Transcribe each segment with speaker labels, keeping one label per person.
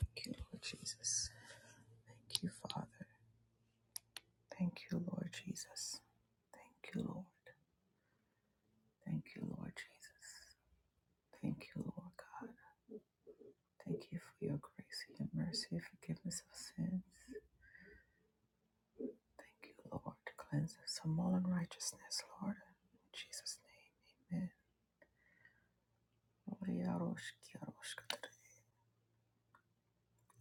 Speaker 1: Thank you, Lord Jesus. Thank you, Father. Thank you, Lord Jesus. Thank you, Lord. Thank you, Lord Jesus. Thank you, Lord God. Thank you for your grace, your mercy, forgiveness of sins. Thank you, Lord. Cleanse us from all unrighteousness, Lord. In Jesus' name, amen. Orearoshkiaroshkatara,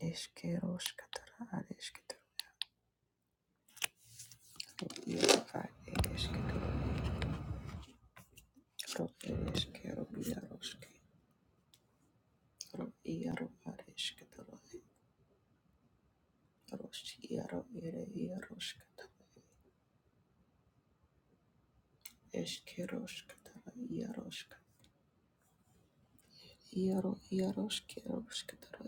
Speaker 1: eshkeroshkatara, areshketoro, obiarofa, ereshketoro, rokereshkerobiaroshke. Ro iaro ar esketoro, ros iaro ere iarosketoro, eskerosketoro, iarosketoro, iaro iaroskerosketoro,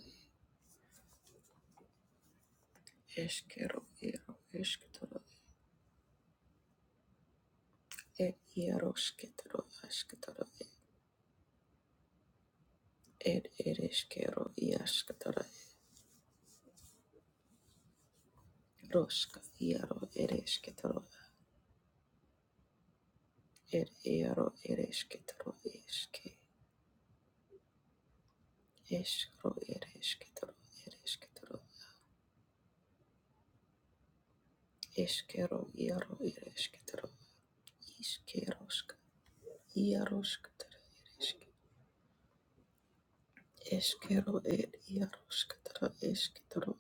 Speaker 1: eskero iaro esketoro, e iarosketoro, asketoro, er ereskero iasketoro, roska iaro eresketoro, er iaro eresketoro, eske, eskro eresketoro, eresketoro, eskero iaro eresketoro, Iškeroška, Iaroškatara, Eškero, Ed, Iaroškatara, Ešketoro,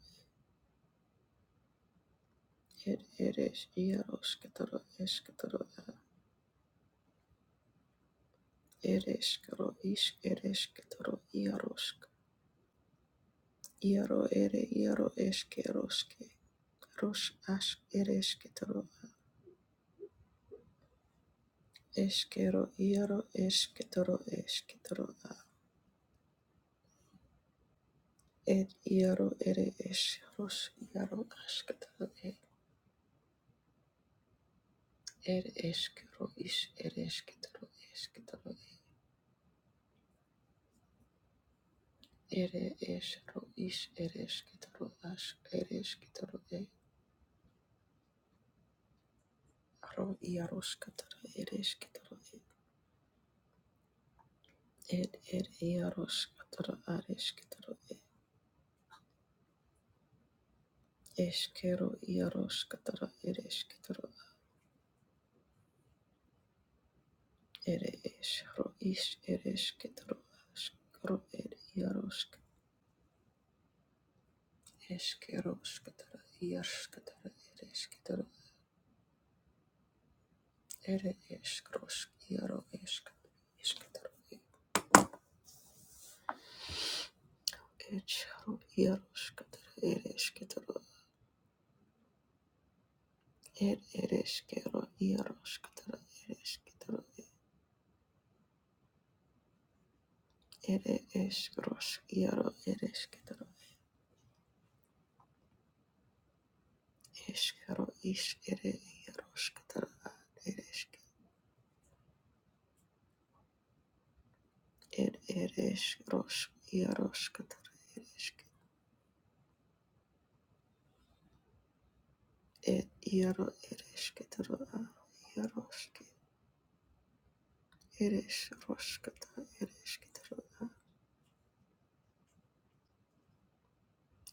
Speaker 1: Ed, Eres, Iaroškatara, Ešketoro, Ereškaro, Iš, Erešketoro, Iarošk, Iaro, Ere, Iaro, Eškeroške, Roš, Aš, Erešketoro, Eškero, Iaro, Ešketoro, Ešketoro, Ed, Iaro, Ere, Eš, Roš, Iaro, Ašketoro, ir eškero iš ir eškitaro eškitaro ir iš ir aš ir eškitaro ro iaroškatara ir eškitaro ir ir iaroškatara ar eškitaro eškero iaroškatara ir eškitaro ir iš ir aš ro ir iarošk eškero škatara iaroškatara ir Ere iškrošk, iero iškat, iškitaru, ečeru, iero škataru, ere iškitaru, er ere iškero, iero škataru, ere iškitaru, ere iškrošk, iero, ere iškitaru, iškero, iš ere iero škataru, ere išk, er ere iškrošk, iero škataru, ere išk, er iero, ere iškitaru, iero šk, ere išroškataru, ere iškitaru,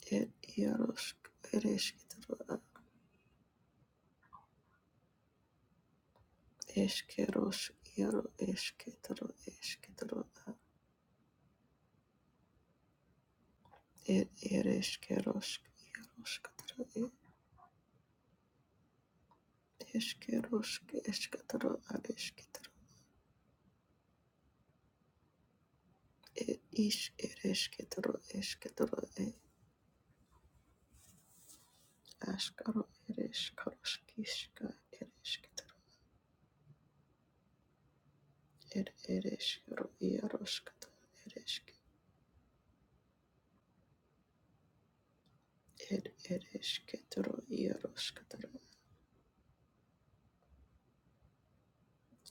Speaker 1: ir iarosk ir eskitro a eskeros iaro eskitro eskitro a ir ir eskerosk iaroskatro ir eskerosk eskatro a eskitro ir is ir eskitro eskitro ir askaro ir eskarosk iska ir eskitro ir ir eskero iaroskatro ir esk ir ir eskitro iaroskatro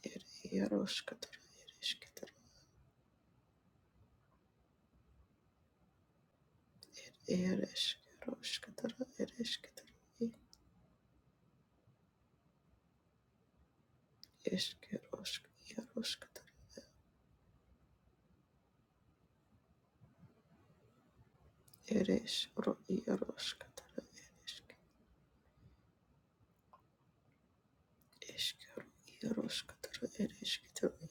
Speaker 1: ir iaroskatro ir iškeruškitara ir iškitara ir iškerušk jeruškitara ir išro jeruškitara ir išk iškeru jeruškitara ir iškitara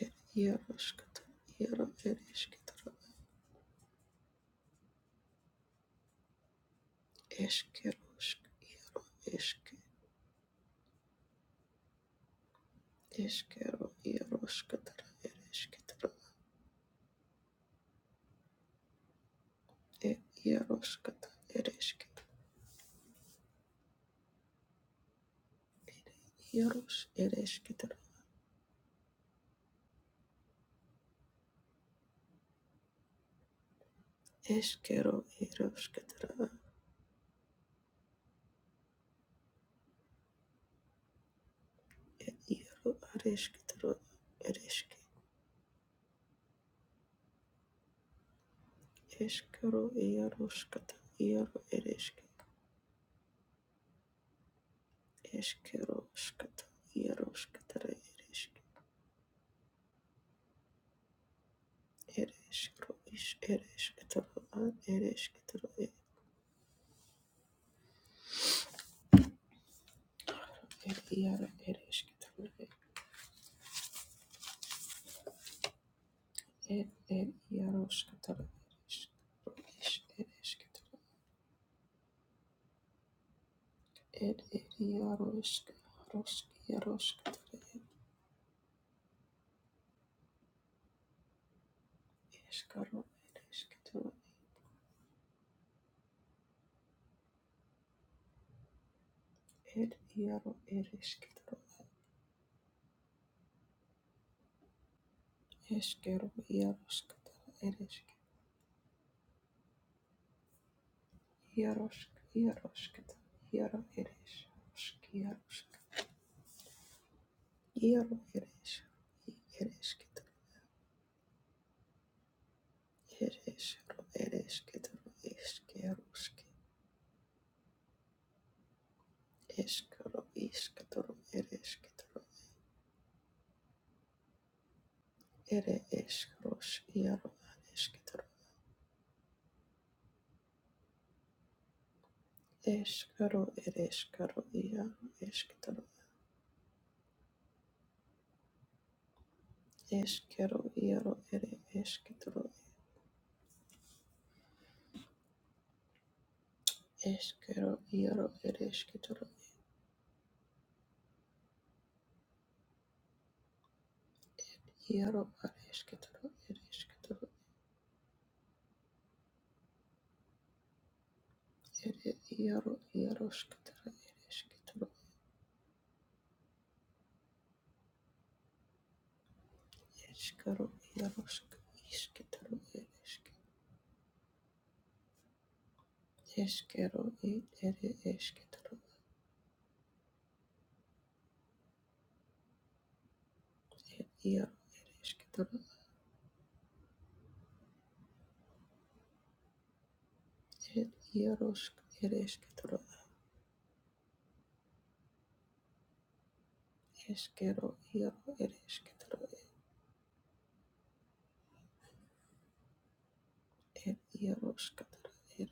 Speaker 1: ir jeruškitara jero ir iškitara iškerušk jero išk iškeru jeruškitara ir iškitara Iero areškitaro ereški eškero ieroškata iero ereški eškeroškata ieroškatara ereški ereškero iš ereškitaro an ereškitaro er iero ereškitaro er er ieroškatara ereškero iš ereškitaro er er ieroška roški ieroškatara eškero ereškitaro er iero ereškitaro Eskero iaroskata eresk iarosk iaroskata iaro eresk iarosk iaro eres eresketa eresro eresketa eskerosk eskero isketoro eresketoro ere eskros iaro eresketoro eskero ereskero iaro esketoro eskero iaro ere esketoro eskero iaro eresketoro Iero ar eškitoro ir eškitoro ir iero ieroškitoro ir eškitoro eškero ierošk iškitoro ir ešk eškero ir ir eškitoro ir iero ir eškitoro ierošk ir eškero iero ir eškitoro ir ieroškitoro ir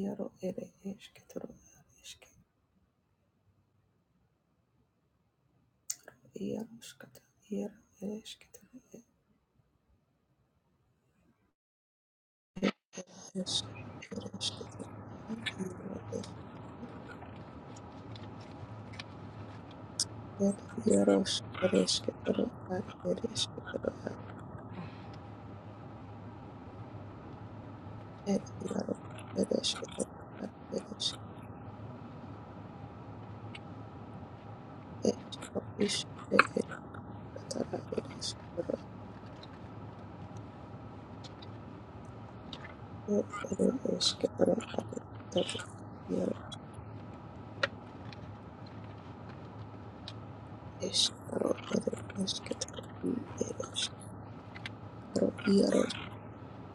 Speaker 1: iero ir eškitoro ir ešk ieroškitoro ir Eshkero ereshketoro iro ad ereshketoro ed yaro ereshketoro ad ereshk eshro ish ereshketoro ereshketoro ed ad ereshketoro yaro eshkaro ere i ereshkaro yarosh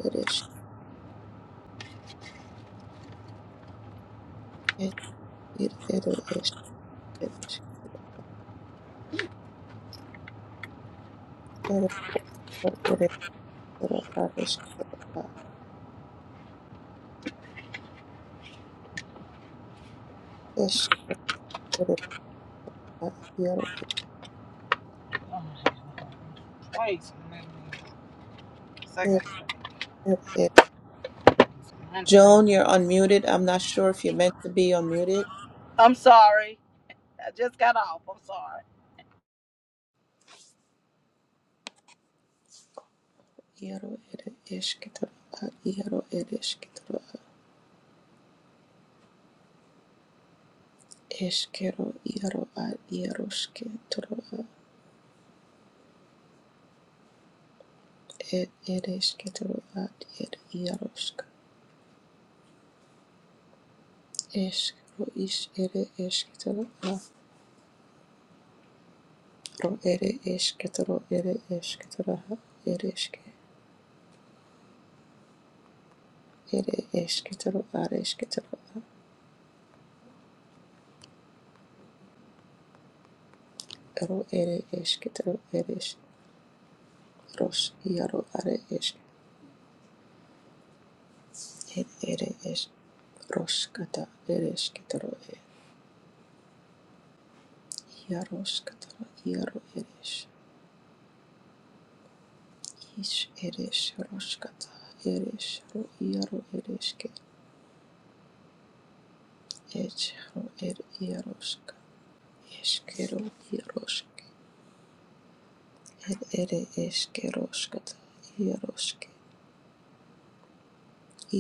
Speaker 1: ereshk ed ir ere eshk ereshk ere ad eshketoro eshk ere ad yaro
Speaker 2: Wait a Second.
Speaker 1: That's it. Joan, you're unmuted. I'm not sure if you're meant to be unmuted.
Speaker 2: I'm sorry. I just got off. I'm sorry.
Speaker 1: Iaro ere esketoro a iaro ere esketoro a eskero iaro a iaro sketoro a ed ere esketoro a ed iaro sk eskro is ere esketoro a ro ere esketoro ere esketoro a ere eske ere esketoro a esketoro a ro ere esketoro ere ros iaro are esketoro Ed ere es roskata eresketoro e iaroskatara iaro eres is eres roskata eres ro iaro ereske et ro er iaroska eskero iaroske ed ere eske roskata iaroske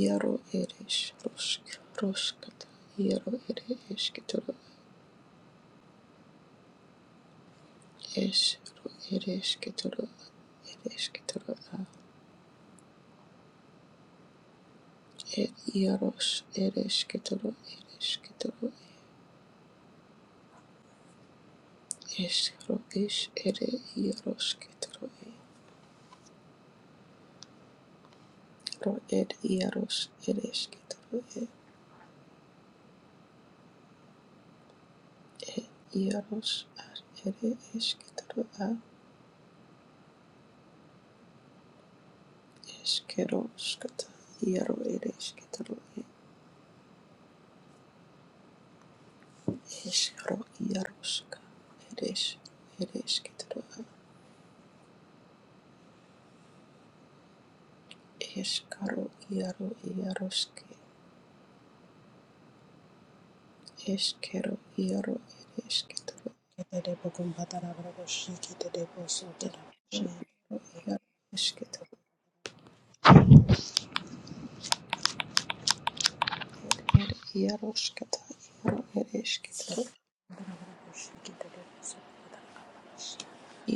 Speaker 1: iaro eres rosk roskata iaro ere esketoro es ro eresketoro eresketoro a. Ed Yarosh Ereshketoro Ereshketoro Eshro Ish Ere Yaroshketoro Ro Ed Yarosh Ereshketoro Ed Yarosh Ar Ere Eshketoro A Eshkeroshkata Yaro Ereshketoro Eshro Yaroshka Eresh Ereshketoro A Eshkaro Yaro Yaroshke Eshkero Yaro Ereshketoro Eshro Yaro Eshketoro ir iaroškata iaro ereškitoro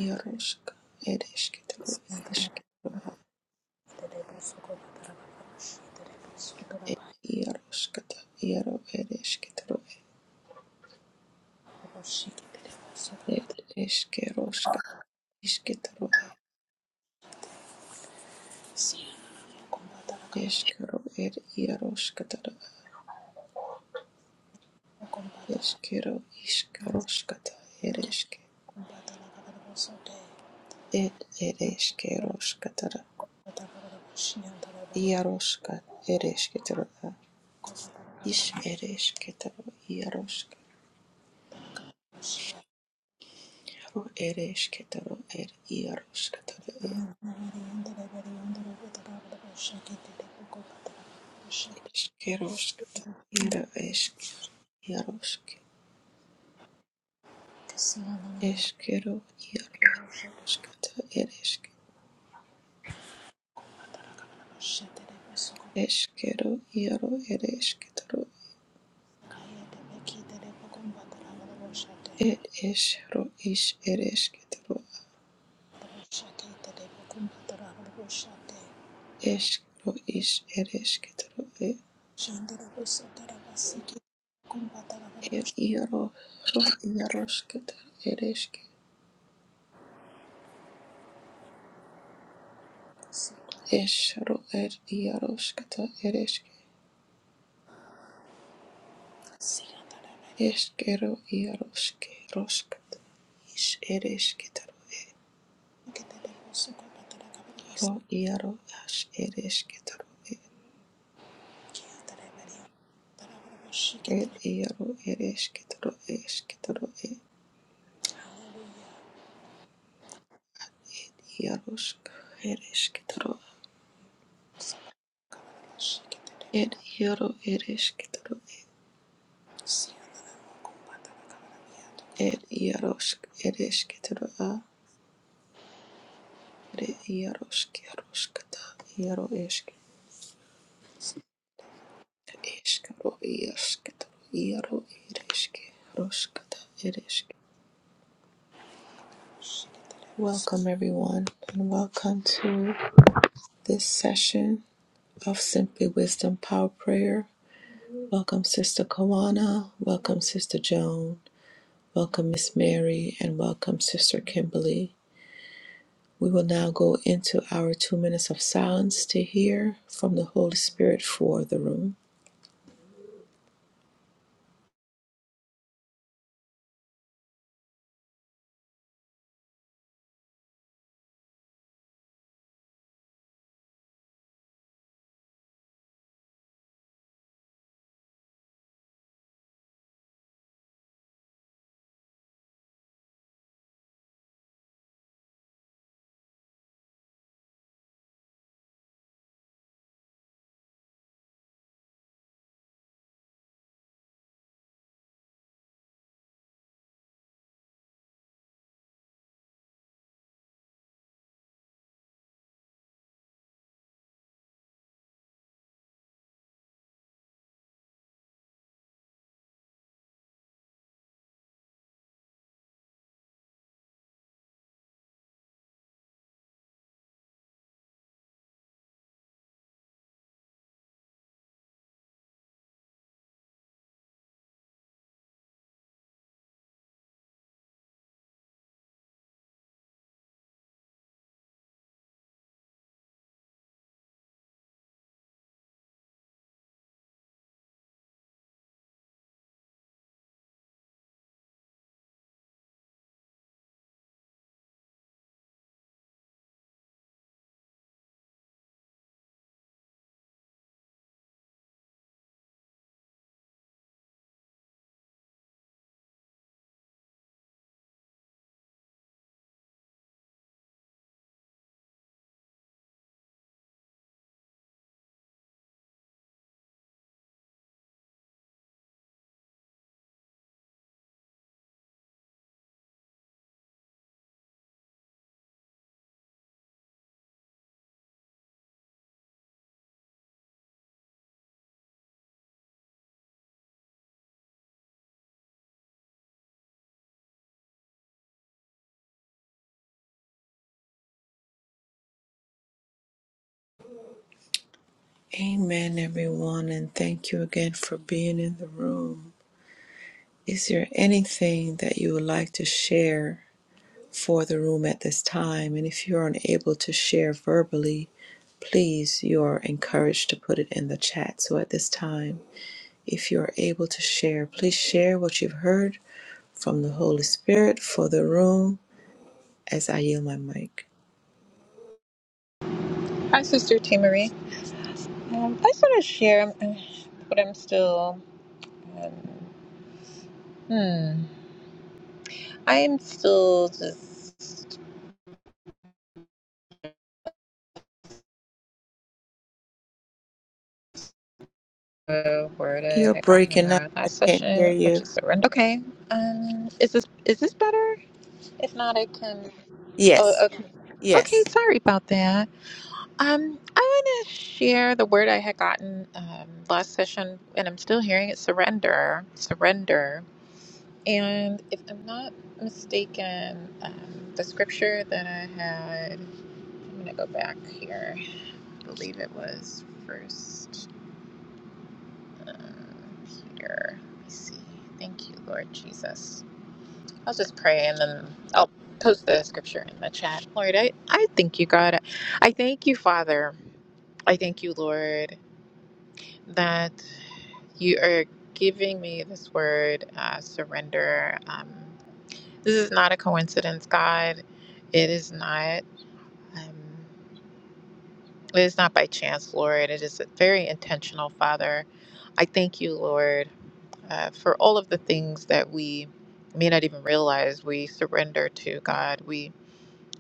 Speaker 1: iaroška ereškitoro ieškitoro ir iaroškata iaro ereškitoro ir eškeroškata iškitoro eškero ir iaroškatara eškero iškaroškata ereške ir ereškeroškatara iaroška ereškitoro iš ereškitoro iaroška ro ereškitoro ir iaroškatara Iškeruškite ir iškeruškite. Iškeru eskero, ir iškeru. Iškeru ieru ir iškeru. Ir išru iš ir iškeru. Iškeru iš ir iškeru. Ir ierušru ieruškite ir iškeru. Išru ir ieruškite ir iškeru. Iškeru ieruškite. Iš ir iškeru. Ro ieru aš ir iškeru. Ed iaro ereskitaro eskitaro ed iarosk ereskitaro ed iaro ereskitaro ed iarosk ereskitaro a ed iarosk iaroskata iaro eski eskaro iaskitaro iaro ereski roskata ereski. Welcome everyone and welcome to this session of Simply Wisdom Power Prayer. Welcome Sister Kawana. Welcome Sister Joan. Welcome, Miss Mary, and welcome, Sister Kimberly. We will now go into our two minutes of silence to hear from the Holy Spirit for the room. Amen, everyone, and thank you again for being in the room. Is there anything that you would like to share for the room at this time? And if you're unable to share verbally, please, you're encouraged to put it in the chat. So at this time, If you are able to share, please share what you've heard from the Holy Spirit for the room as I yield my mic.
Speaker 3: Hi, Sister T. Marie. Um, I just want to share um, what I'm still. Um, hmm. I am still just. Uh, where the
Speaker 1: You're
Speaker 3: heck I got in
Speaker 1: breaking up.
Speaker 3: our
Speaker 1: I
Speaker 3: last
Speaker 1: can't hear
Speaker 3: session, which
Speaker 1: you.
Speaker 3: is surrender. Okay. Um. Is this is this better? If not, I can. Oh,
Speaker 1: Yes.
Speaker 3: okay. Okay.
Speaker 1: Yes.
Speaker 3: Sorry about that. Um. I want to share the word I had gotten um, last session, and I'm still hearing it. Surrender. Surrender. And if I'm not mistaken, um, the scripture that I had, I'm going to go back here. I believe it was first um, Peter. Let me see. Thank you, Lord Jesus. I'll just pray and then I'll post the scripture in the chat. Lord, I, I thank you, God. I thank you, Father. I thank you, Lord, that you are giving me this word, uh, surrender. Um, This is not a coincidence, God. It is not. Um, it is not by chance, Lord. It is very intentional, Father. I thank you, Lord, uh, for all of the things that we may not even realize we surrender to God. We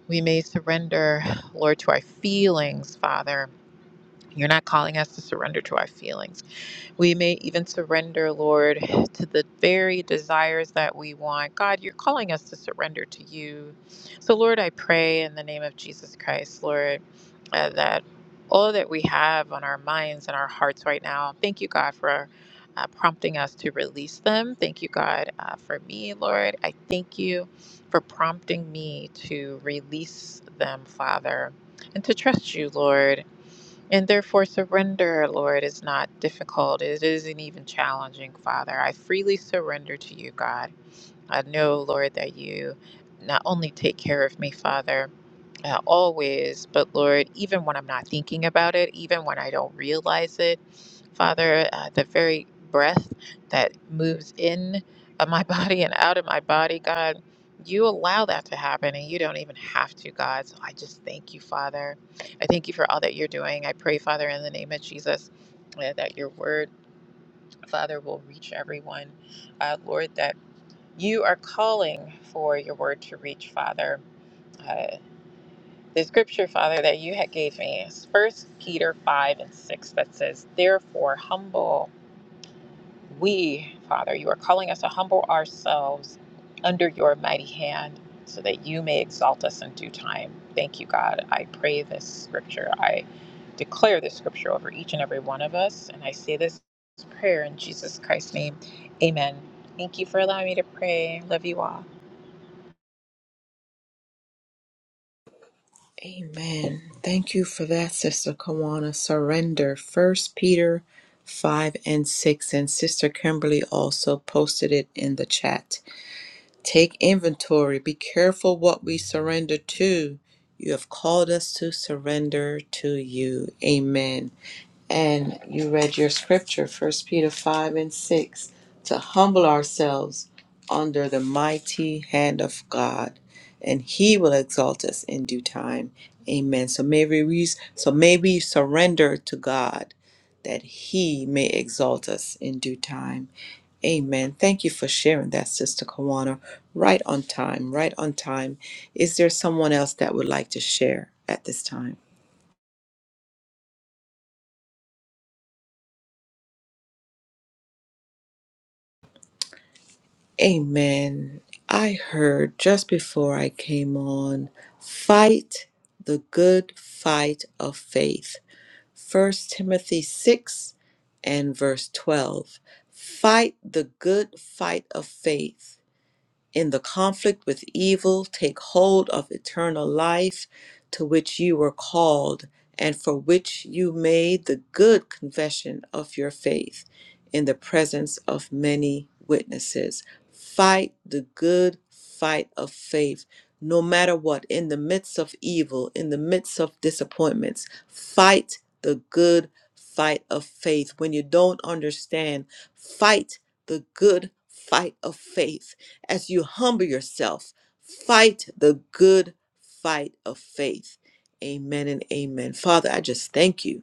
Speaker 3: we may surrender, Lord, to our feelings, Father. You're not calling us to surrender to our feelings. We may even surrender, Lord, to the very desires that we want. God, you're calling us to surrender to you. So, Lord, I pray in the name of Jesus Christ, Lord, uh, that all that we have on our minds and our hearts right now, thank you, God, for. Uh, prompting us to release them. Thank you, God, uh, for me, Lord. I thank you for prompting me to release them, Father, and to trust you, Lord and therefore, surrender, Lord, is not difficult. It isn't even challenging, Father. I freely surrender to you, God. I know, Lord, that you not only take care of me, Father, uh, always, but Lord, even when I'm not thinking about it, even when I don't realize it, Father, uh, the very breath that moves in of my body and out of my body, God, you allow that to happen and you don't even have to, God. So I just thank you, Father. I thank you for all that you're doing. I pray, Father, in the name of Jesus, uh, that your word, Father, will reach everyone. Uh, Lord, that you are calling for your word to reach, Father. uh, the scripture, Father, that you had gave me is First Peter five and six that says, "Therefore, humble we, Father, you are calling us to humble ourselves under your mighty hand, so that you may exalt us in due time." Thank you, God. I pray this scripture. I declare this scripture over each and every one of us, and I say this prayer in Jesus Christ's name, Amen. Thank you for allowing me to pray. Love you all.
Speaker 1: Amen. Thank you for that, Sister Kawana. Surrender. First Peter five and six. And Sister Kimberly also posted it in the chat. Take inventory. Be careful what we surrender to. You have called us to surrender to you. Amen. and you read your scripture, First Peter 5 and 6, to humble ourselves under the mighty hand of God, and He will exalt us in due time. Amen. So may we, re- so may we surrender to God that He may exalt us in due time. Amen. Thank you for sharing that, Sister Kawana. Right on time, right on time. Is there someone else that would like to share at this time? Amen. I heard just before I came on fight the good fight of faith. First Timothy 6 and verse 12. Fight the good fight of faith in the conflict with evil, take hold of eternal life to which you were called and for which you made the good confession of your faith in the presence of many witnesses. Fight the good fight of faith, no matter what, in the midst of evil, in the midst of disappointments. Fight the good fight of faith. When you don't understand, fight the good fight of faith as you humble yourself, fight the good fight of faith. Amen and amen. Father, I just thank you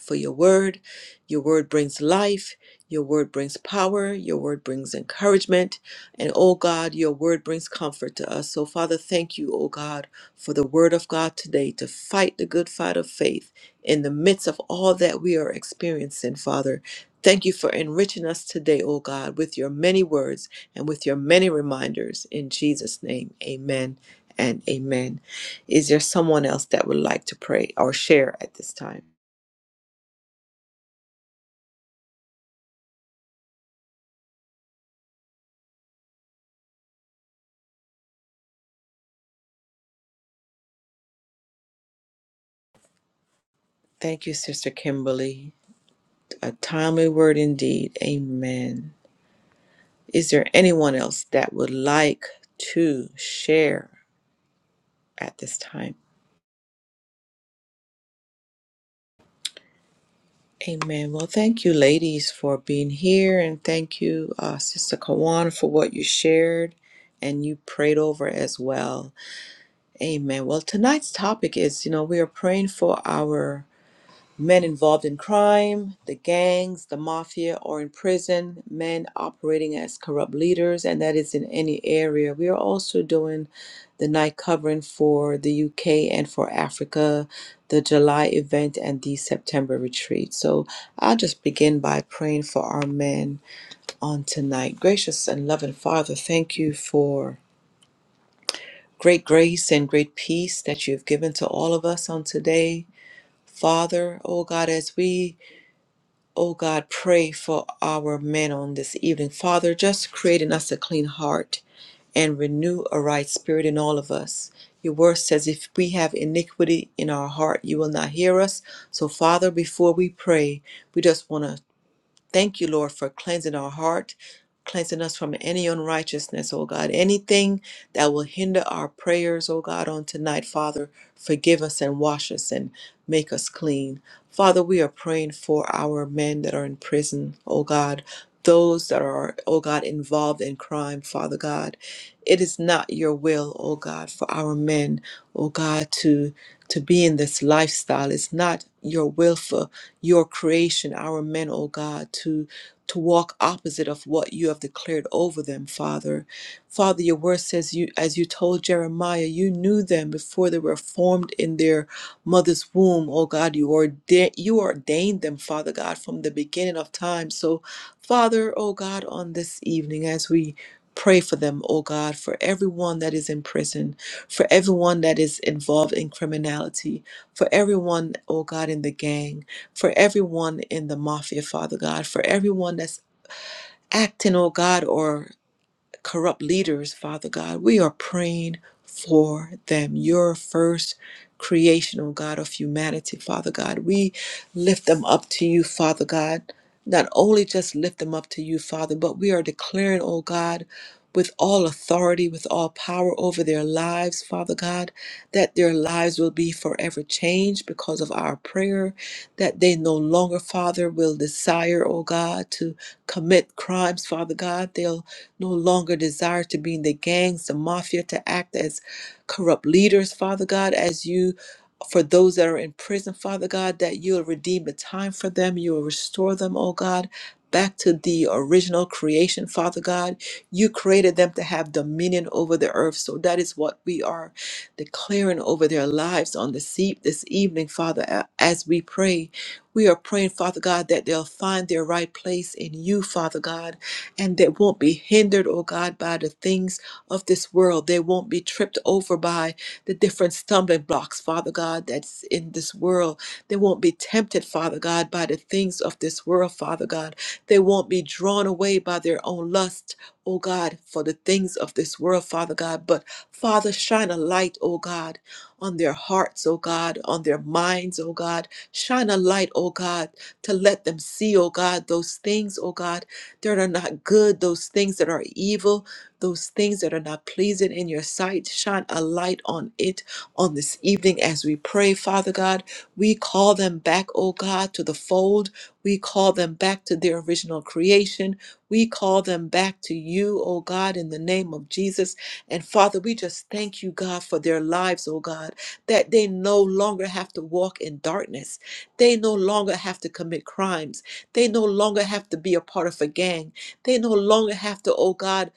Speaker 1: for your word. Your word brings life. Your word brings power. Your word brings encouragement. And oh God, your word brings comfort to us. So, Father, thank you, oh God, for the word of God today to fight the good fight of faith in the midst of all that we are experiencing, Father. Thank you for enriching us today, oh God, with your many words and with your many reminders. In Jesus' name, amen and amen. Is there someone else that would like to pray or share at this time? Thank you, Sister Kimberly. A timely word indeed. Amen. Is there anyone else that would like to share at this time? Amen. Well, thank you, ladies, for being here. And thank you, uh, Sister Kawan, for what you shared and you prayed over as well. Amen. Well, tonight's topic is you know, we are praying for our Men involved in crime, the gangs, the mafia, or in prison, men operating as corrupt leaders, and that is in any area. We are also doing the night covering for the UK and for Africa, the July event, and the September retreat. So I'll just begin by praying for our men on tonight. Gracious and loving Father, thank you for great grace and great peace that you've given to all of us on today. Father, oh God, as we Oh God, pray for our men on this evening. Father, just create in us a clean heart and renew a right spirit in all of us. Your word says, if we have iniquity in our heart, you will not hear us. So, Father, before we pray, we just want to Thank you, Lord, for cleansing our heart, cleansing us from any unrighteousness, oh God. Anything that will hinder our prayers, oh God, on tonight, Father, forgive us and wash us and make us clean. Father, we are praying for our men that are in prison, oh God. Those that are, oh God, involved in crime, Father God. It is not your will, oh God, for our men, oh God, to to be in this lifestyle. It's not your will for your creation, our men, O God, to to walk opposite of what you have declared over them, Father. Father, your word says you as you told Jeremiah, you knew them before they were formed in their mother's womb. O God, you ordained you ordained them, Father God, from the beginning of time. So, Father, O God, on this evening as we Pray for them, O God, for everyone that is in prison, for everyone that is involved in criminality, for everyone, O God, in the gang for everyone in the mafia, Father God, for everyone that's acting, oh God, or corrupt leaders, Father God. We are praying for them, your first creational God of humanity, Father God. We lift them up to you, Father God. Not only just lift them up to you, Father, but we are declaring, oh God, with all authority, with all power over their lives, Father God, that their lives will be forever changed because of our prayer, that they no longer, Father, will desire, oh God, to commit crimes, Father God. They'll no longer desire to be in the gangs, the mafia, to act as corrupt leaders, Father God, as you for those that are in prison, Father God, that you'll redeem the time for them, you'll restore them, oh God, back to the original creation, Father God. You created them to have dominion over the earth. So that is what we are declaring over their lives on the seat this evening, Father, a- as we pray. We are praying, Father God, that they'll find their right place in you, Father God and they won't be hindered, oh God, by the things of this world. They won't be tripped over by the different stumbling blocks, Father God, that's in this world. They won't be tempted, Father God, by the things of this world, Father God. They won't be drawn away by their own lust, oh God, for the things of this world, Father God. But Father, shine a light, oh God, on their hearts, oh God, on their minds, oh God. Shine a light, oh God, to let them see, oh God, those things, oh God, that are not good, those things that are evil, those things that are not pleasing in your sight. Shine a light on it on this evening as we pray, Father God. We call them back, O God, to the fold. We call them back to their original creation. We call them back to you, O God, in the name of Jesus. And Father, we just thank you, God, for their lives, O God, that they no longer have to walk in darkness. They no longer have to commit crimes they no longer have to be a part of a gang. They no longer have to, oh God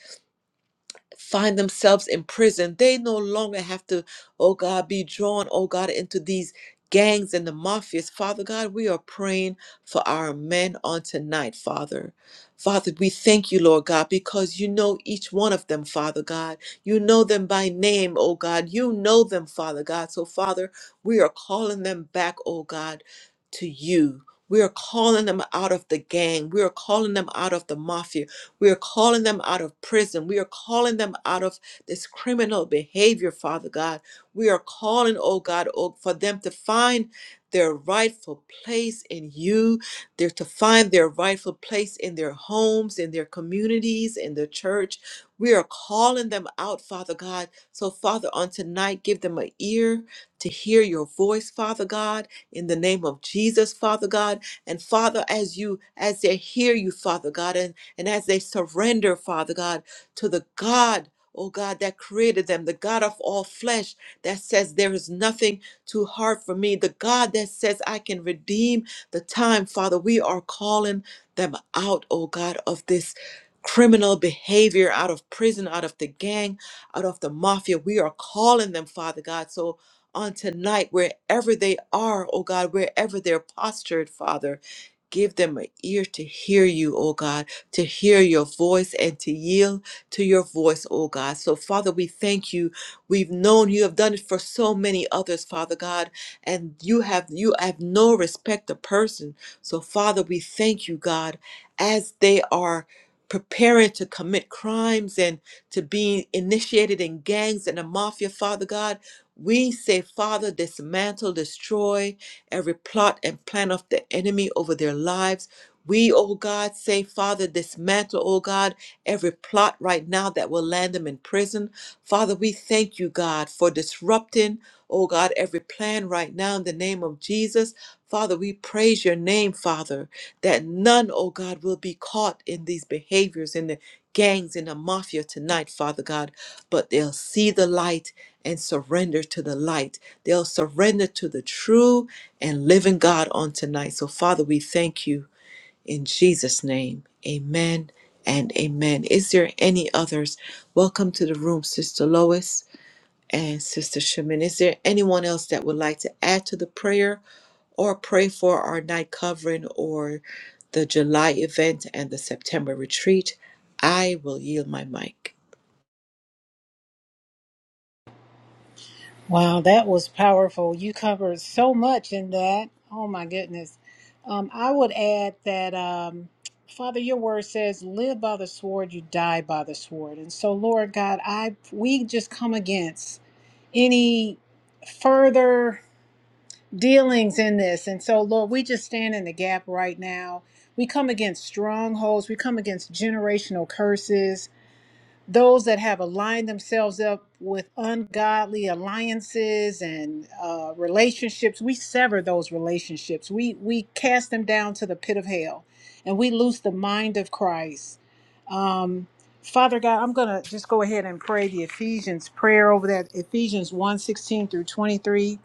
Speaker 1: find themselves in prison. They no longer have to, oh God, be drawn, oh God, into these gangs and the mafias. Father God, we are praying for our men on tonight, Father. Father, we thank you, Lord God, because you know each one of them, Father God. You know them by name, oh God. You know them, Father God. So, Father, we are calling them back, oh God, to you. We are calling them out of the gang. We are calling them out of the mafia. We are calling them out of prison. We are calling them out of this criminal behavior, Father God. We are calling, oh God, oh, for them to find their rightful place in you. They're to find their rightful place in their homes, in their communities, in the church. We are calling them out, Father God. So, Father, on tonight, give them an ear to hear your voice, Father God, in the name of Jesus, Father God. And Father, as you, as they hear you, Father God, and. And as they surrender, Father God, to the God, oh God, that created them, the God of all flesh that says, There is nothing too hard for me, the God that says, I can redeem the time, Father, we are calling them out, oh God, of this. Criminal behavior out of prison, out of the gang, out of the mafia. We are calling them, Father God. So on tonight, wherever they are, oh God, wherever they're postured, Father, give them an ear to hear you, oh God to hear your voice and to yield to your voice, oh God. So, Father, we thank you. We've known you have done it for so many others, Father God, and you have you have no respect of person. So, Father, we thank you, God, as they are preparing to commit crimes and to be initiated in gangs and the mafia, Father God. We say, Father, dismantle, destroy every plot and plan of the enemy over their lives we, oh God, say, Father, dismantle, oh God, every plot right now that will land them in prison. Father, we thank you, God, for disrupting, oh God, every plan right now in the name of Jesus. Father, we praise your name, Father, that none, oh God, will be caught in these behaviors in the gangs in the mafia tonight, Father God, but they'll see the light and surrender to the light. They'll surrender to the true and living God on tonight. So, Father, we thank you. In Jesus' name, amen and amen. Is there any others? Welcome to the room, Sister Lois and Sister Shaman. Is there anyone else that would like to add to the prayer or pray for our night covering or the July event and the September retreat? I will yield my mic.
Speaker 4: Wow, that was powerful. You covered so much in that. Oh my goodness. Um, I would add that, um, Father, your word says, "Live by the sword, you die by the sword." And so, Lord God, I we just come against any further dealings in this. And so, Lord, we just stand in the gap right now. We come against strongholds. We come against generational curses those that have aligned themselves up with ungodly alliances and uh, relationships, we sever those relationships. We we cast them down to the pit of hell, and we lose the mind of Christ. Um, Father God, I'm gonna just go ahead and pray the Ephesians prayer over that Ephesians one 16 through 23,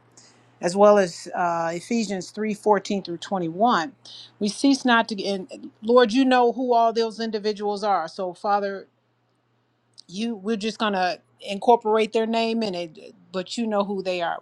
Speaker 4: as well as uh, Ephesians 3 14 through 21. We cease not to and Lord, you know who all those individuals are. So Father, you we're just gonna incorporate their name in it but you know who they are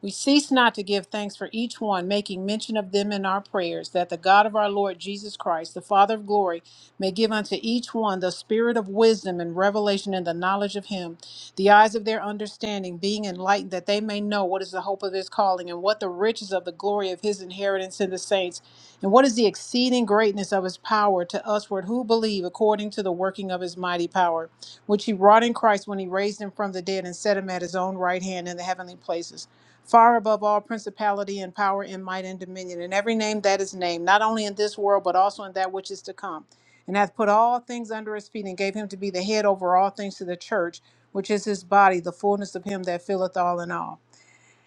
Speaker 4: we cease not to give thanks for each one making mention of them in our prayers that the god of our lord jesus christ the father of glory may give unto each one the spirit of wisdom and revelation in the knowledge of him the eyes of their understanding being enlightened that they may know what is the hope of his calling and what the riches of the glory of his inheritance in the saints and what is the exceeding greatness of his power to usward who believe according to the working of his mighty power which he wrought in Christ when he raised him from the dead and set him at his own right hand in the heavenly places, far above all principality and power and might and dominion, and every name that is named, not only in this world, but also in that which is to come. And hath put all things under his feet, and gave him to be the head over all things to the church, which is his body, the fullness of him that filleth all in all.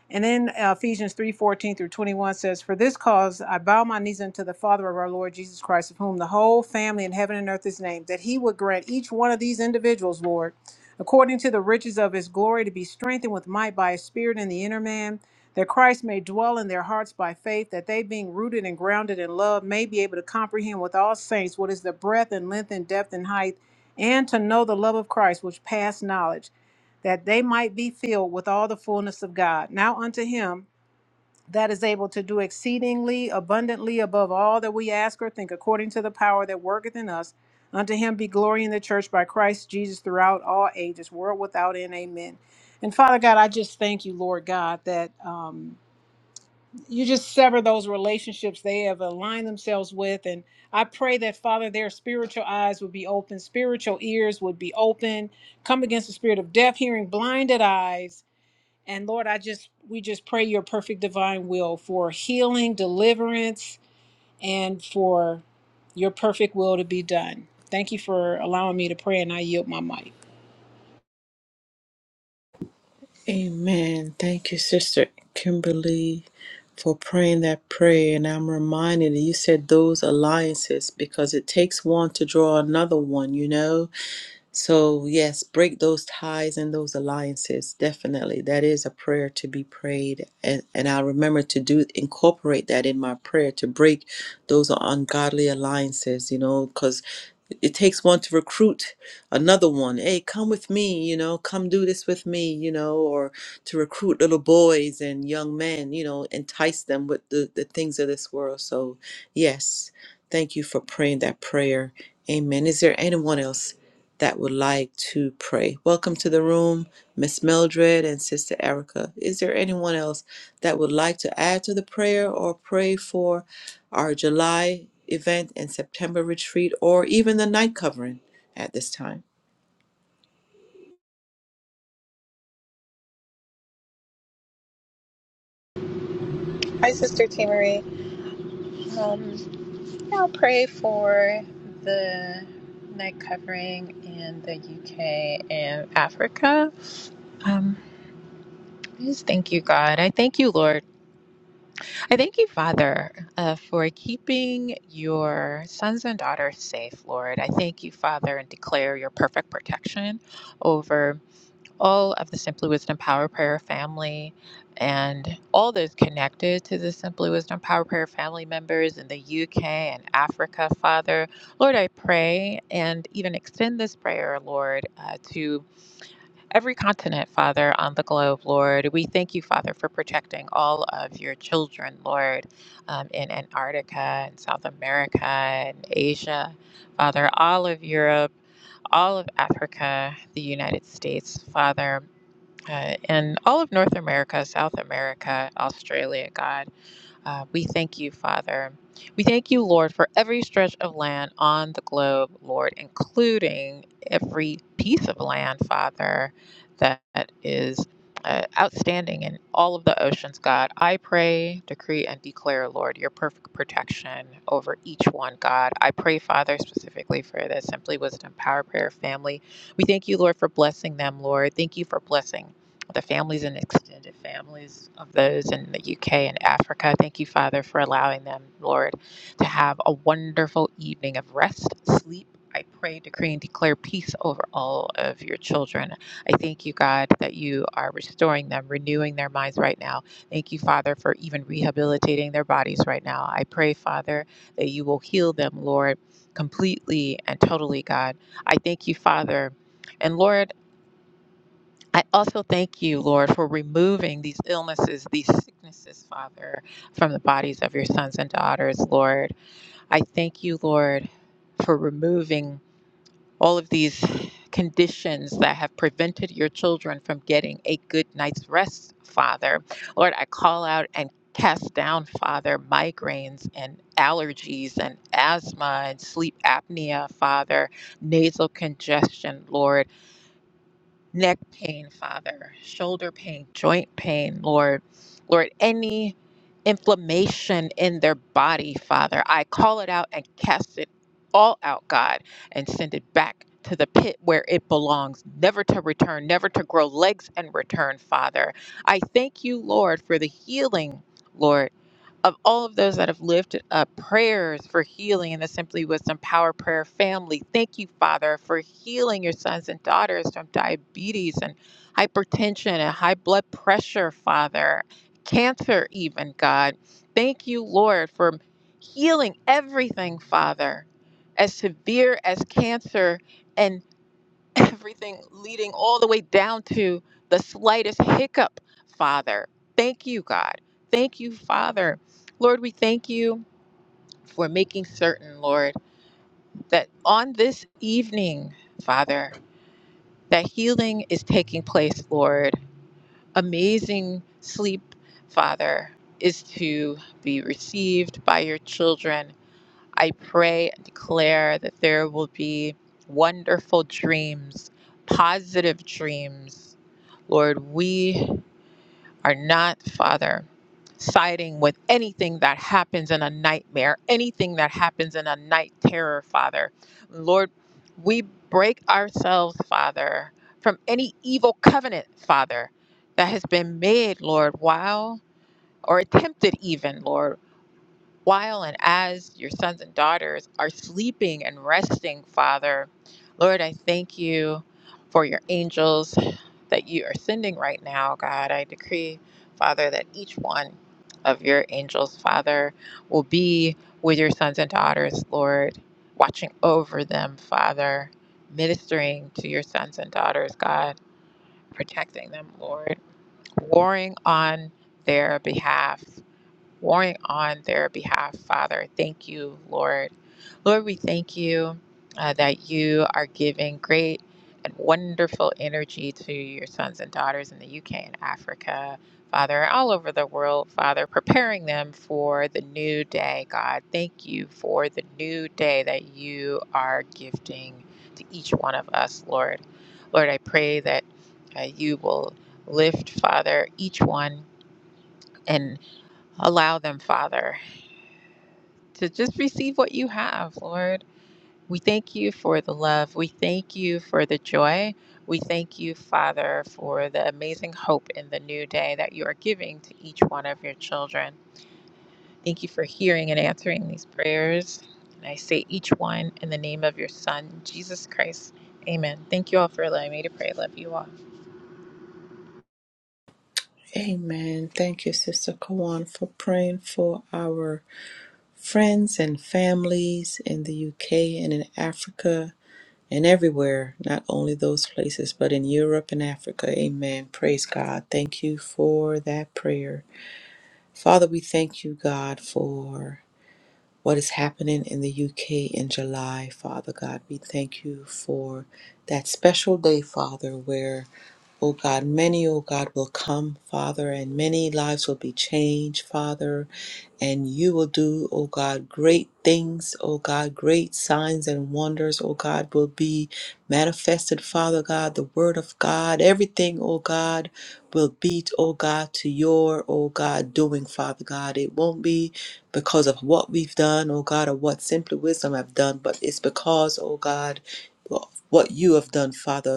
Speaker 4: And then uh, Ephesians three fourteen through 21 says, For this cause I bow my knees unto the Father of our Lord Jesus Christ, of whom the whole family in heaven and earth is named, that he would grant each one of these individuals, Lord, according to the riches of his glory, to be strengthened with might by his Spirit in the inner man, that Christ may dwell in their hearts by faith, that they, being rooted and grounded in love, may be able to comprehend with all saints what is the breadth and length and depth and height, and to know the love of Christ, which passed knowledge that they might be filled with all the fullness of God. Now unto him that is able to do exceedingly abundantly above all that we ask or think, according to the power that worketh in us. Unto him be glory in the church by Christ Jesus throughout all ages, world without end. Amen. And Father God, I just thank you, Lord God, that. Um, you just sever those relationships they have aligned themselves with. And I pray that, Father, their spiritual eyes would be open, spiritual ears would be open. Come against the spirit of deaf, hearing, blinded eyes. And Lord, I just, we just pray your perfect divine will for healing, deliverance, and for your perfect will to be done. Thank you for allowing me to pray, and I yield my mic.
Speaker 1: Amen. Thank you, Sister Kimberly, for praying that prayer. And I'm reminded that you said those alliances because it takes one to draw another one, you know? So, yes, break those ties and those alliances. Definitely. That is a prayer to be prayed. And, and I remember to do incorporate that in my prayer to break those ungodly alliances, you know, because it takes one to recruit another one. Hey, come with me, you know, come do this with me, you know, or to recruit little boys and young men, you know, entice them with the, the things of this world. So, yes, thank you for praying that prayer. Amen. Is there anyone else? that would like to pray. Welcome to the room, Miss Mildred and Sister Erica. Is there anyone else that would like to add to the prayer or pray for our July event and September retreat or even the night covering at this time?
Speaker 3: Hi, Sister T. Marie. Um, I'll pray for the night covering in the UK and Africa. Um, I just thank you, God. I thank you, Lord. I thank you, Father, uh, for keeping your sons and daughters safe, Lord. I thank you, Father, and declare your perfect protection over all of the Simply Wisdom Power Prayer family and all those connected to the Simply Wisdom Power Prayer family members in the UK and Africa, Father. Lord, I pray and even extend this prayer, Lord, uh, to every continent, Father, on the globe, Lord. We thank you, Father, for protecting all of your children, Lord, um, in Antarctica and South America and Asia, Father, all of Europe, all of Africa, the United States, Father uh, and all of North America, South America, Australia, God. Uh, we thank you, Father. We thank you, Lord, for every stretch of land on the globe, Lord, including every piece of land, Father, that is. Uh, outstanding in all of the oceans, God. I pray, decree, and declare, Lord, your perfect protection over each one, God. I pray, Father, specifically for the Simply Wisdom Power Prayer family. We thank you, Lord, for blessing them, Lord. Thank you for blessing the families and extended families of those in the UK and Africa. Thank you, Father, for allowing them, Lord, to have a wonderful evening of rest, sleep. I pray, decree, and declare peace over all of your children. I thank you, God, that you are restoring them, renewing their minds right now. Thank you, Father, for even rehabilitating their bodies right now. I pray, Father, that you will heal them, Lord, completely and totally, God. I thank you, Father. And Lord, I also thank you, Lord, for removing these illnesses, these sicknesses, Father, from the bodies of your sons and daughters, Lord. I thank you, Lord, for removing all of these conditions that have prevented your children from getting a good night's rest, Father. Lord, I call out and cast down, Father, migraines and allergies and asthma and sleep apnea, Father, nasal congestion, Lord neck pain, Father, shoulder pain, joint pain, Lord. Lord, any inflammation in their body, Father, I call it out and cast it all out, God, and send it back to the pit where it belongs, never to return, never to grow legs and return, Father. I thank you, Lord, for the healing. Lord of all of those that have lifted up prayers for healing in the Simply Wisdom Power Prayer family. Thank you, Father, for healing your sons and daughters from diabetes and hypertension and high blood pressure, Father, cancer, even, God. Thank you, Lord, for healing everything, Father, as severe as cancer. and everything leading all the way down to the slightest hiccup, Father. Thank you, God. Thank you, Father. Lord, we thank you for making certain, Lord, that on this evening, Father, that healing is taking place, Lord. Amazing sleep, Father, is to be received by your children. I pray and declare that there will be wonderful dreams, positive dreams. Lord, we are not, Father, siding with anything that happens in a nightmare, anything that happens in a night terror, Father. Lord, we break ourselves, Father, from any evil covenant, Father, that has been made, Lord, while or attempted even, Lord while and as your sons and daughters are sleeping and resting, Father, Lord, I thank you for your angels that you are sending right now, God. I decree, Father, that each one of your angels, Father, will be with your sons and daughters, Lord, watching over them, Father, ministering to your sons and daughters, God, protecting them, Lord, warring on their behalf, warring on their behalf, Father. Thank you, Lord. Lord, we thank you uh, that you are giving great and wonderful energy to your sons and daughters in the UK and Africa, Father, all over the world, Father, preparing them for the new day, God. Thank you for the new day that you are gifting to each one of us, Lord. Lord, I pray that uh, you will lift, Father, each one and allow them, Father to just receive what you have, Lord. We thank you for the love. We thank you for the joy. We thank you, Father, for the amazing hope in the new day that you are giving to each one of your children. Thank you for hearing and answering these prayers. And I say each one in the name of your Son, Jesus Christ. Amen. Thank you all for allowing me to pray. Love you all.
Speaker 1: Amen. Thank you, Sister Kawan, for praying for our friends and families in the UK and in Africa and everywhere, not only those places, but in Europe and Africa. Amen. Praise God. Thank you for that prayer. Father, we thank you, God, for what is happening in the UK in July, Father God. We thank you for that special day, Father, where O God, many, O God, will come, Father, and many lives will be changed, Father, and you will do, O God, great things, O God, great signs and wonders, O God, will be manifested, Father God, the Word of God, everything, O God, will be, O God, to your, O God, doing, Father God. It won't be because of what we've done, O God, or what Simply Wisdom have done, but it's because, O God, what you have done, Father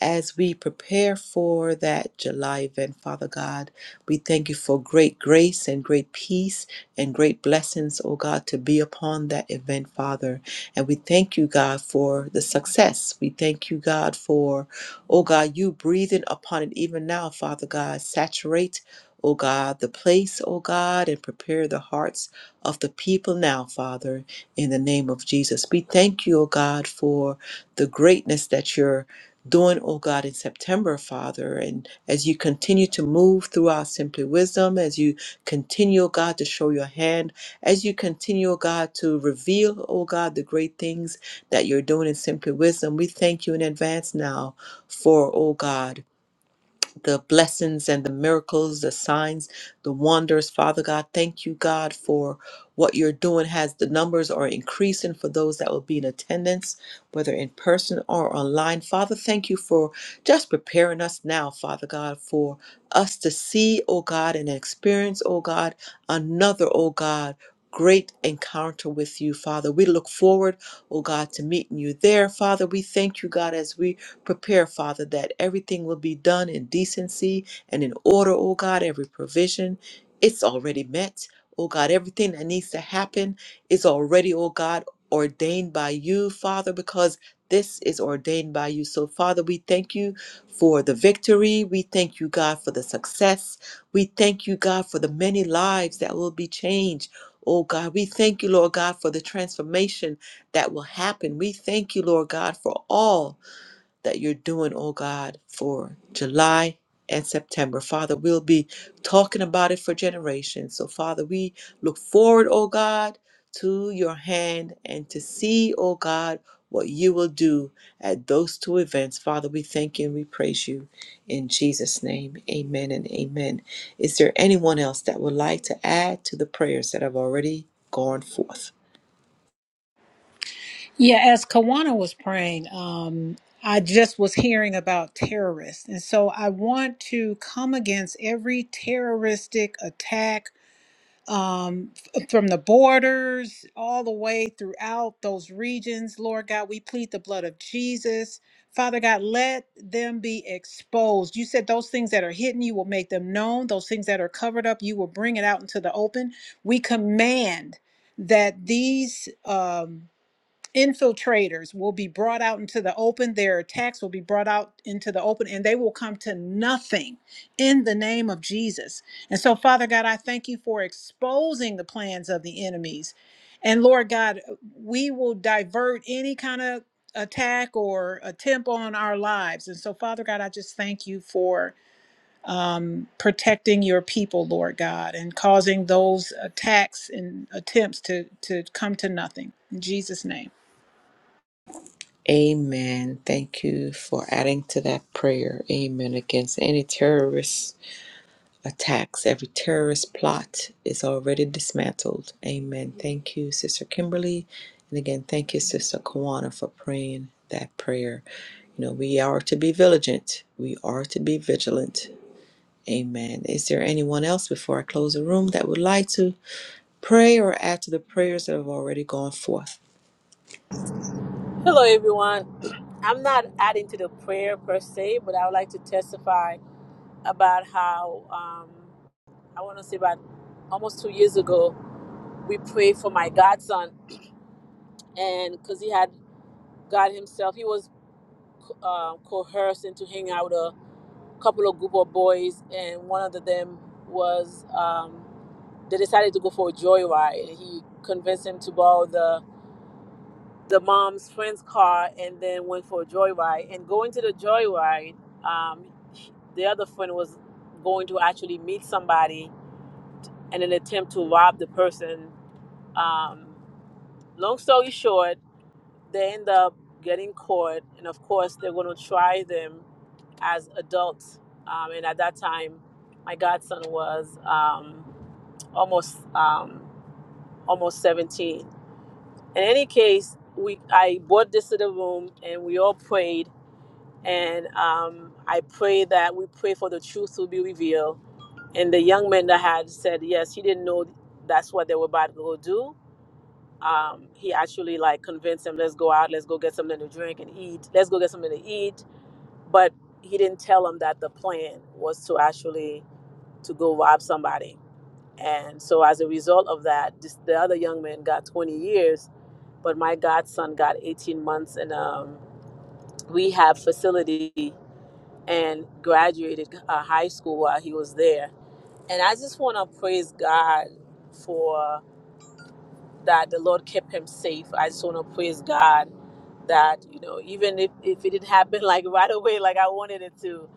Speaker 1: as we prepare for that July event, Father God. We thank you for great grace and great peace and great blessings, oh God, to be upon that event, Father. And we thank you, God, for the success. We thank you, God, for, oh God, you breathing upon it even now, Father God. Saturate, oh God, the place, oh God, and prepare the hearts of the people now, Father, in the name of Jesus. We thank you, oh God, for the greatness that you're doing, oh God, in September, Father. And as you continue to move throughout Simply Wisdom, as you continue, oh God, to show your hand, as you continue, oh God, to reveal, oh God, the great things that you're doing in Simply Wisdom, we thank you in advance now for, oh God the blessings and the miracles, the signs, the wonders. Father God, thank you, God, for what you're doing. Has the numbers are increasing for those that will be in attendance, whether in person or online. Father, thank you for just preparing us now, Father God, for us to see, oh God, and experience, oh God, another, oh God. Great encounter with you, Father. We look forward, oh God, to meeting you there, Father. We thank you, God, as we Prepare, Father, that everything will be done in decency and in order, oh God, every provision. It's already met. Oh God, everything that needs to happen is already, oh God, ordained by you, Father, because this is ordained by you. So, Father, we thank you for the victory. We thank you, God, for the success. We thank you, God, for the many lives that will be changed. Oh God, we thank you, Lord God, for the transformation that will happen. We thank you, Lord God, for all that you're doing, oh God, for July and September. Father, we'll be talking about it for generations. So, Father, we look forward, oh God, to your hand and to see, oh God, what you will do at those two events. Father, we thank you and we praise you in Jesus' name. Amen and amen. Is there anyone else that would like to add to the prayers that have already gone forth?
Speaker 4: Yeah, as Kawana was praying, um, I just was hearing about terrorists. And so I want to come against every terroristic attack um, f- from the borders all the way throughout those regions. Lord God, we plead the blood of Jesus. Father God, let them be exposed. You said those things that are hidden, you will make them known. Those things that are covered up, you will bring it out into the open. We command that these. Um, infiltrators will be brought out into the open their attacks will be brought out into the open and they will come to nothing in the name of jesus and so father god i thank you for exposing the plans of the enemies and lord god we will divert any kind of attack or attempt on our lives and so father god i just thank you for um, protecting your people lord god and causing those attacks and attempts to to come to nothing in jesus name
Speaker 1: Amen. Thank you for adding to that prayer. Amen. Against any terrorist attacks, every terrorist plot is already dismantled. Amen. Thank you, Sister Kimberly. And again, thank you, Sister Kawana, for praying that prayer. You know, we are to be vigilant. We are to be vigilant. Amen. Is there anyone else before I close the room that would like to pray or add to the prayers that have already gone forth?
Speaker 5: Hello, everyone. I'm not adding to the prayer per se, but I would like to testify about how um, I want to say about almost two years ago we prayed for my godson, and because he had God himself, he was uh, coerced into hanging out with a couple of group of boys, and one of them was um, they decided to go for a joyride. He convinced him to borrow the the mom's friend's car and then went for a joyride. And going to the joyride, um, the other friend was going to actually meet somebody and an attempt to rob the person. Um, long story short, they end up getting caught, and of course, they're going to try them as adults. Um, and at that time, my godson was um, almost um, almost 17. In any case, we I brought this to the room, and we all prayed and um, I pray that we pray for the truth to be revealed. And the young man that had said yes, he didn't know that's what they were about to go do. Um, he actually like convinced him, let's go out, let's go get something to drink and eat, let's go get something to eat. But he didn't tell him that the plan was to actually to go rob somebody. And so as a result of that, this, the other young man got 20 years, but my godson got 18 months in a rehab facility and graduated uh, high school while he was there. And I just want to praise God for that. The Lord kept him safe. I just want to praise God that, you know, even if, if it didn't happen like right away, like I wanted it to,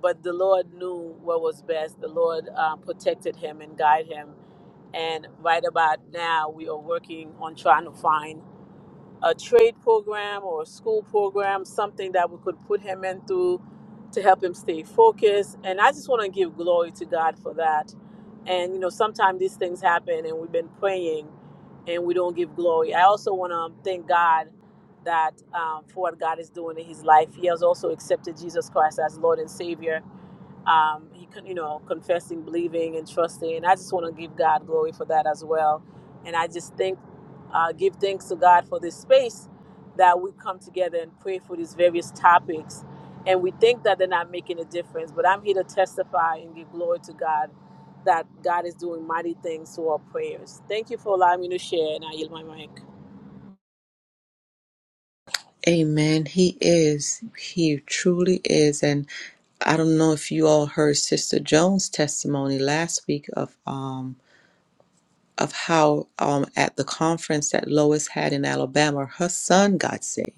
Speaker 5: but the Lord knew what was best. The Lord uh, protected him and guided him. And right about now, we are working on trying to find a trade program or a school program, something that we could put him in through to help him stay focused. And I just want to give glory to God for that. And you know, sometimes these things happen, and we've been praying, and we don't give glory. I also want to thank God that um, for what God is doing in his life. He has also accepted Jesus Christ as Lord and Savior um, he could, you know, confessing, believing, and trusting. I just want to give God glory for that as well. And I just think, uh, give thanks to God for this space that we come together and pray for these various topics. And we think that they're not making a difference, but I'm here to testify and give glory to God that God is doing mighty things through our prayers. Thank you for allowing me to share, and I yield my mic.
Speaker 1: Amen. He is. He truly is. And I don't know if you all heard Sister Jones' testimony last week of um of how um at the conference that Lois had in Alabama, her son got saved.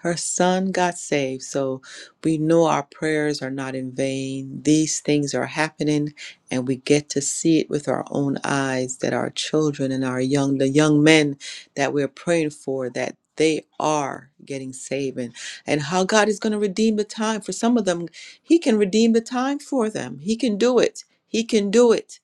Speaker 1: Her son got saved, so we know our prayers are not in vain. These things are happening, and we get to see it with our own eyes that our children and our young, the young men that we're praying for, that they are getting saved, and, and how God is going to redeem the time. For some of them, He can redeem the time for them. He can do it. He can do it.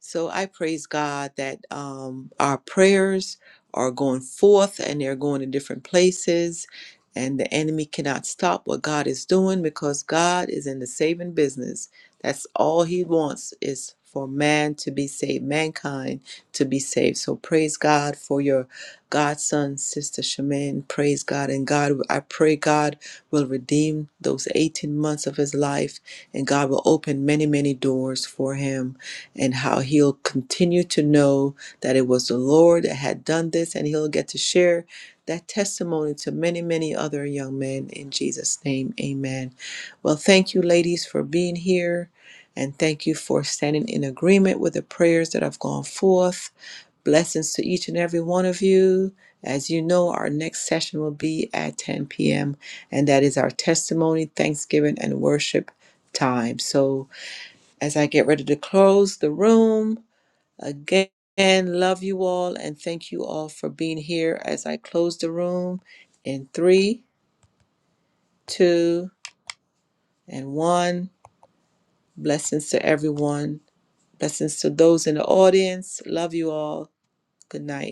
Speaker 1: So I praise God that um, our prayers are going forth and they're going to different places, and the enemy cannot stop what God is doing because God is in the saving business. That's all He wants is for man to be saved, mankind to be saved. So praise God for your godson, Sister Shaman. Praise God. And God, I pray God will redeem those 18 months of his life and God will open many, many doors for him and how he'll continue to know that it was the Lord that had done this, and he'll get to share that testimony to many, many other young men in Jesus' name. Amen. Well, thank you, ladies, for being here, and thank you for standing in agreement with the prayers that have gone forth. Blessings to each and every one of you. As you know, our next session will be at 10 p.m., and that is our testimony, thanksgiving, and worship time. So, as I get ready to close the room, again, love you all and thank you all for being here as I close the room in three, two, and one. Blessings to everyone. Blessings to those in the audience. Love you all. Good night.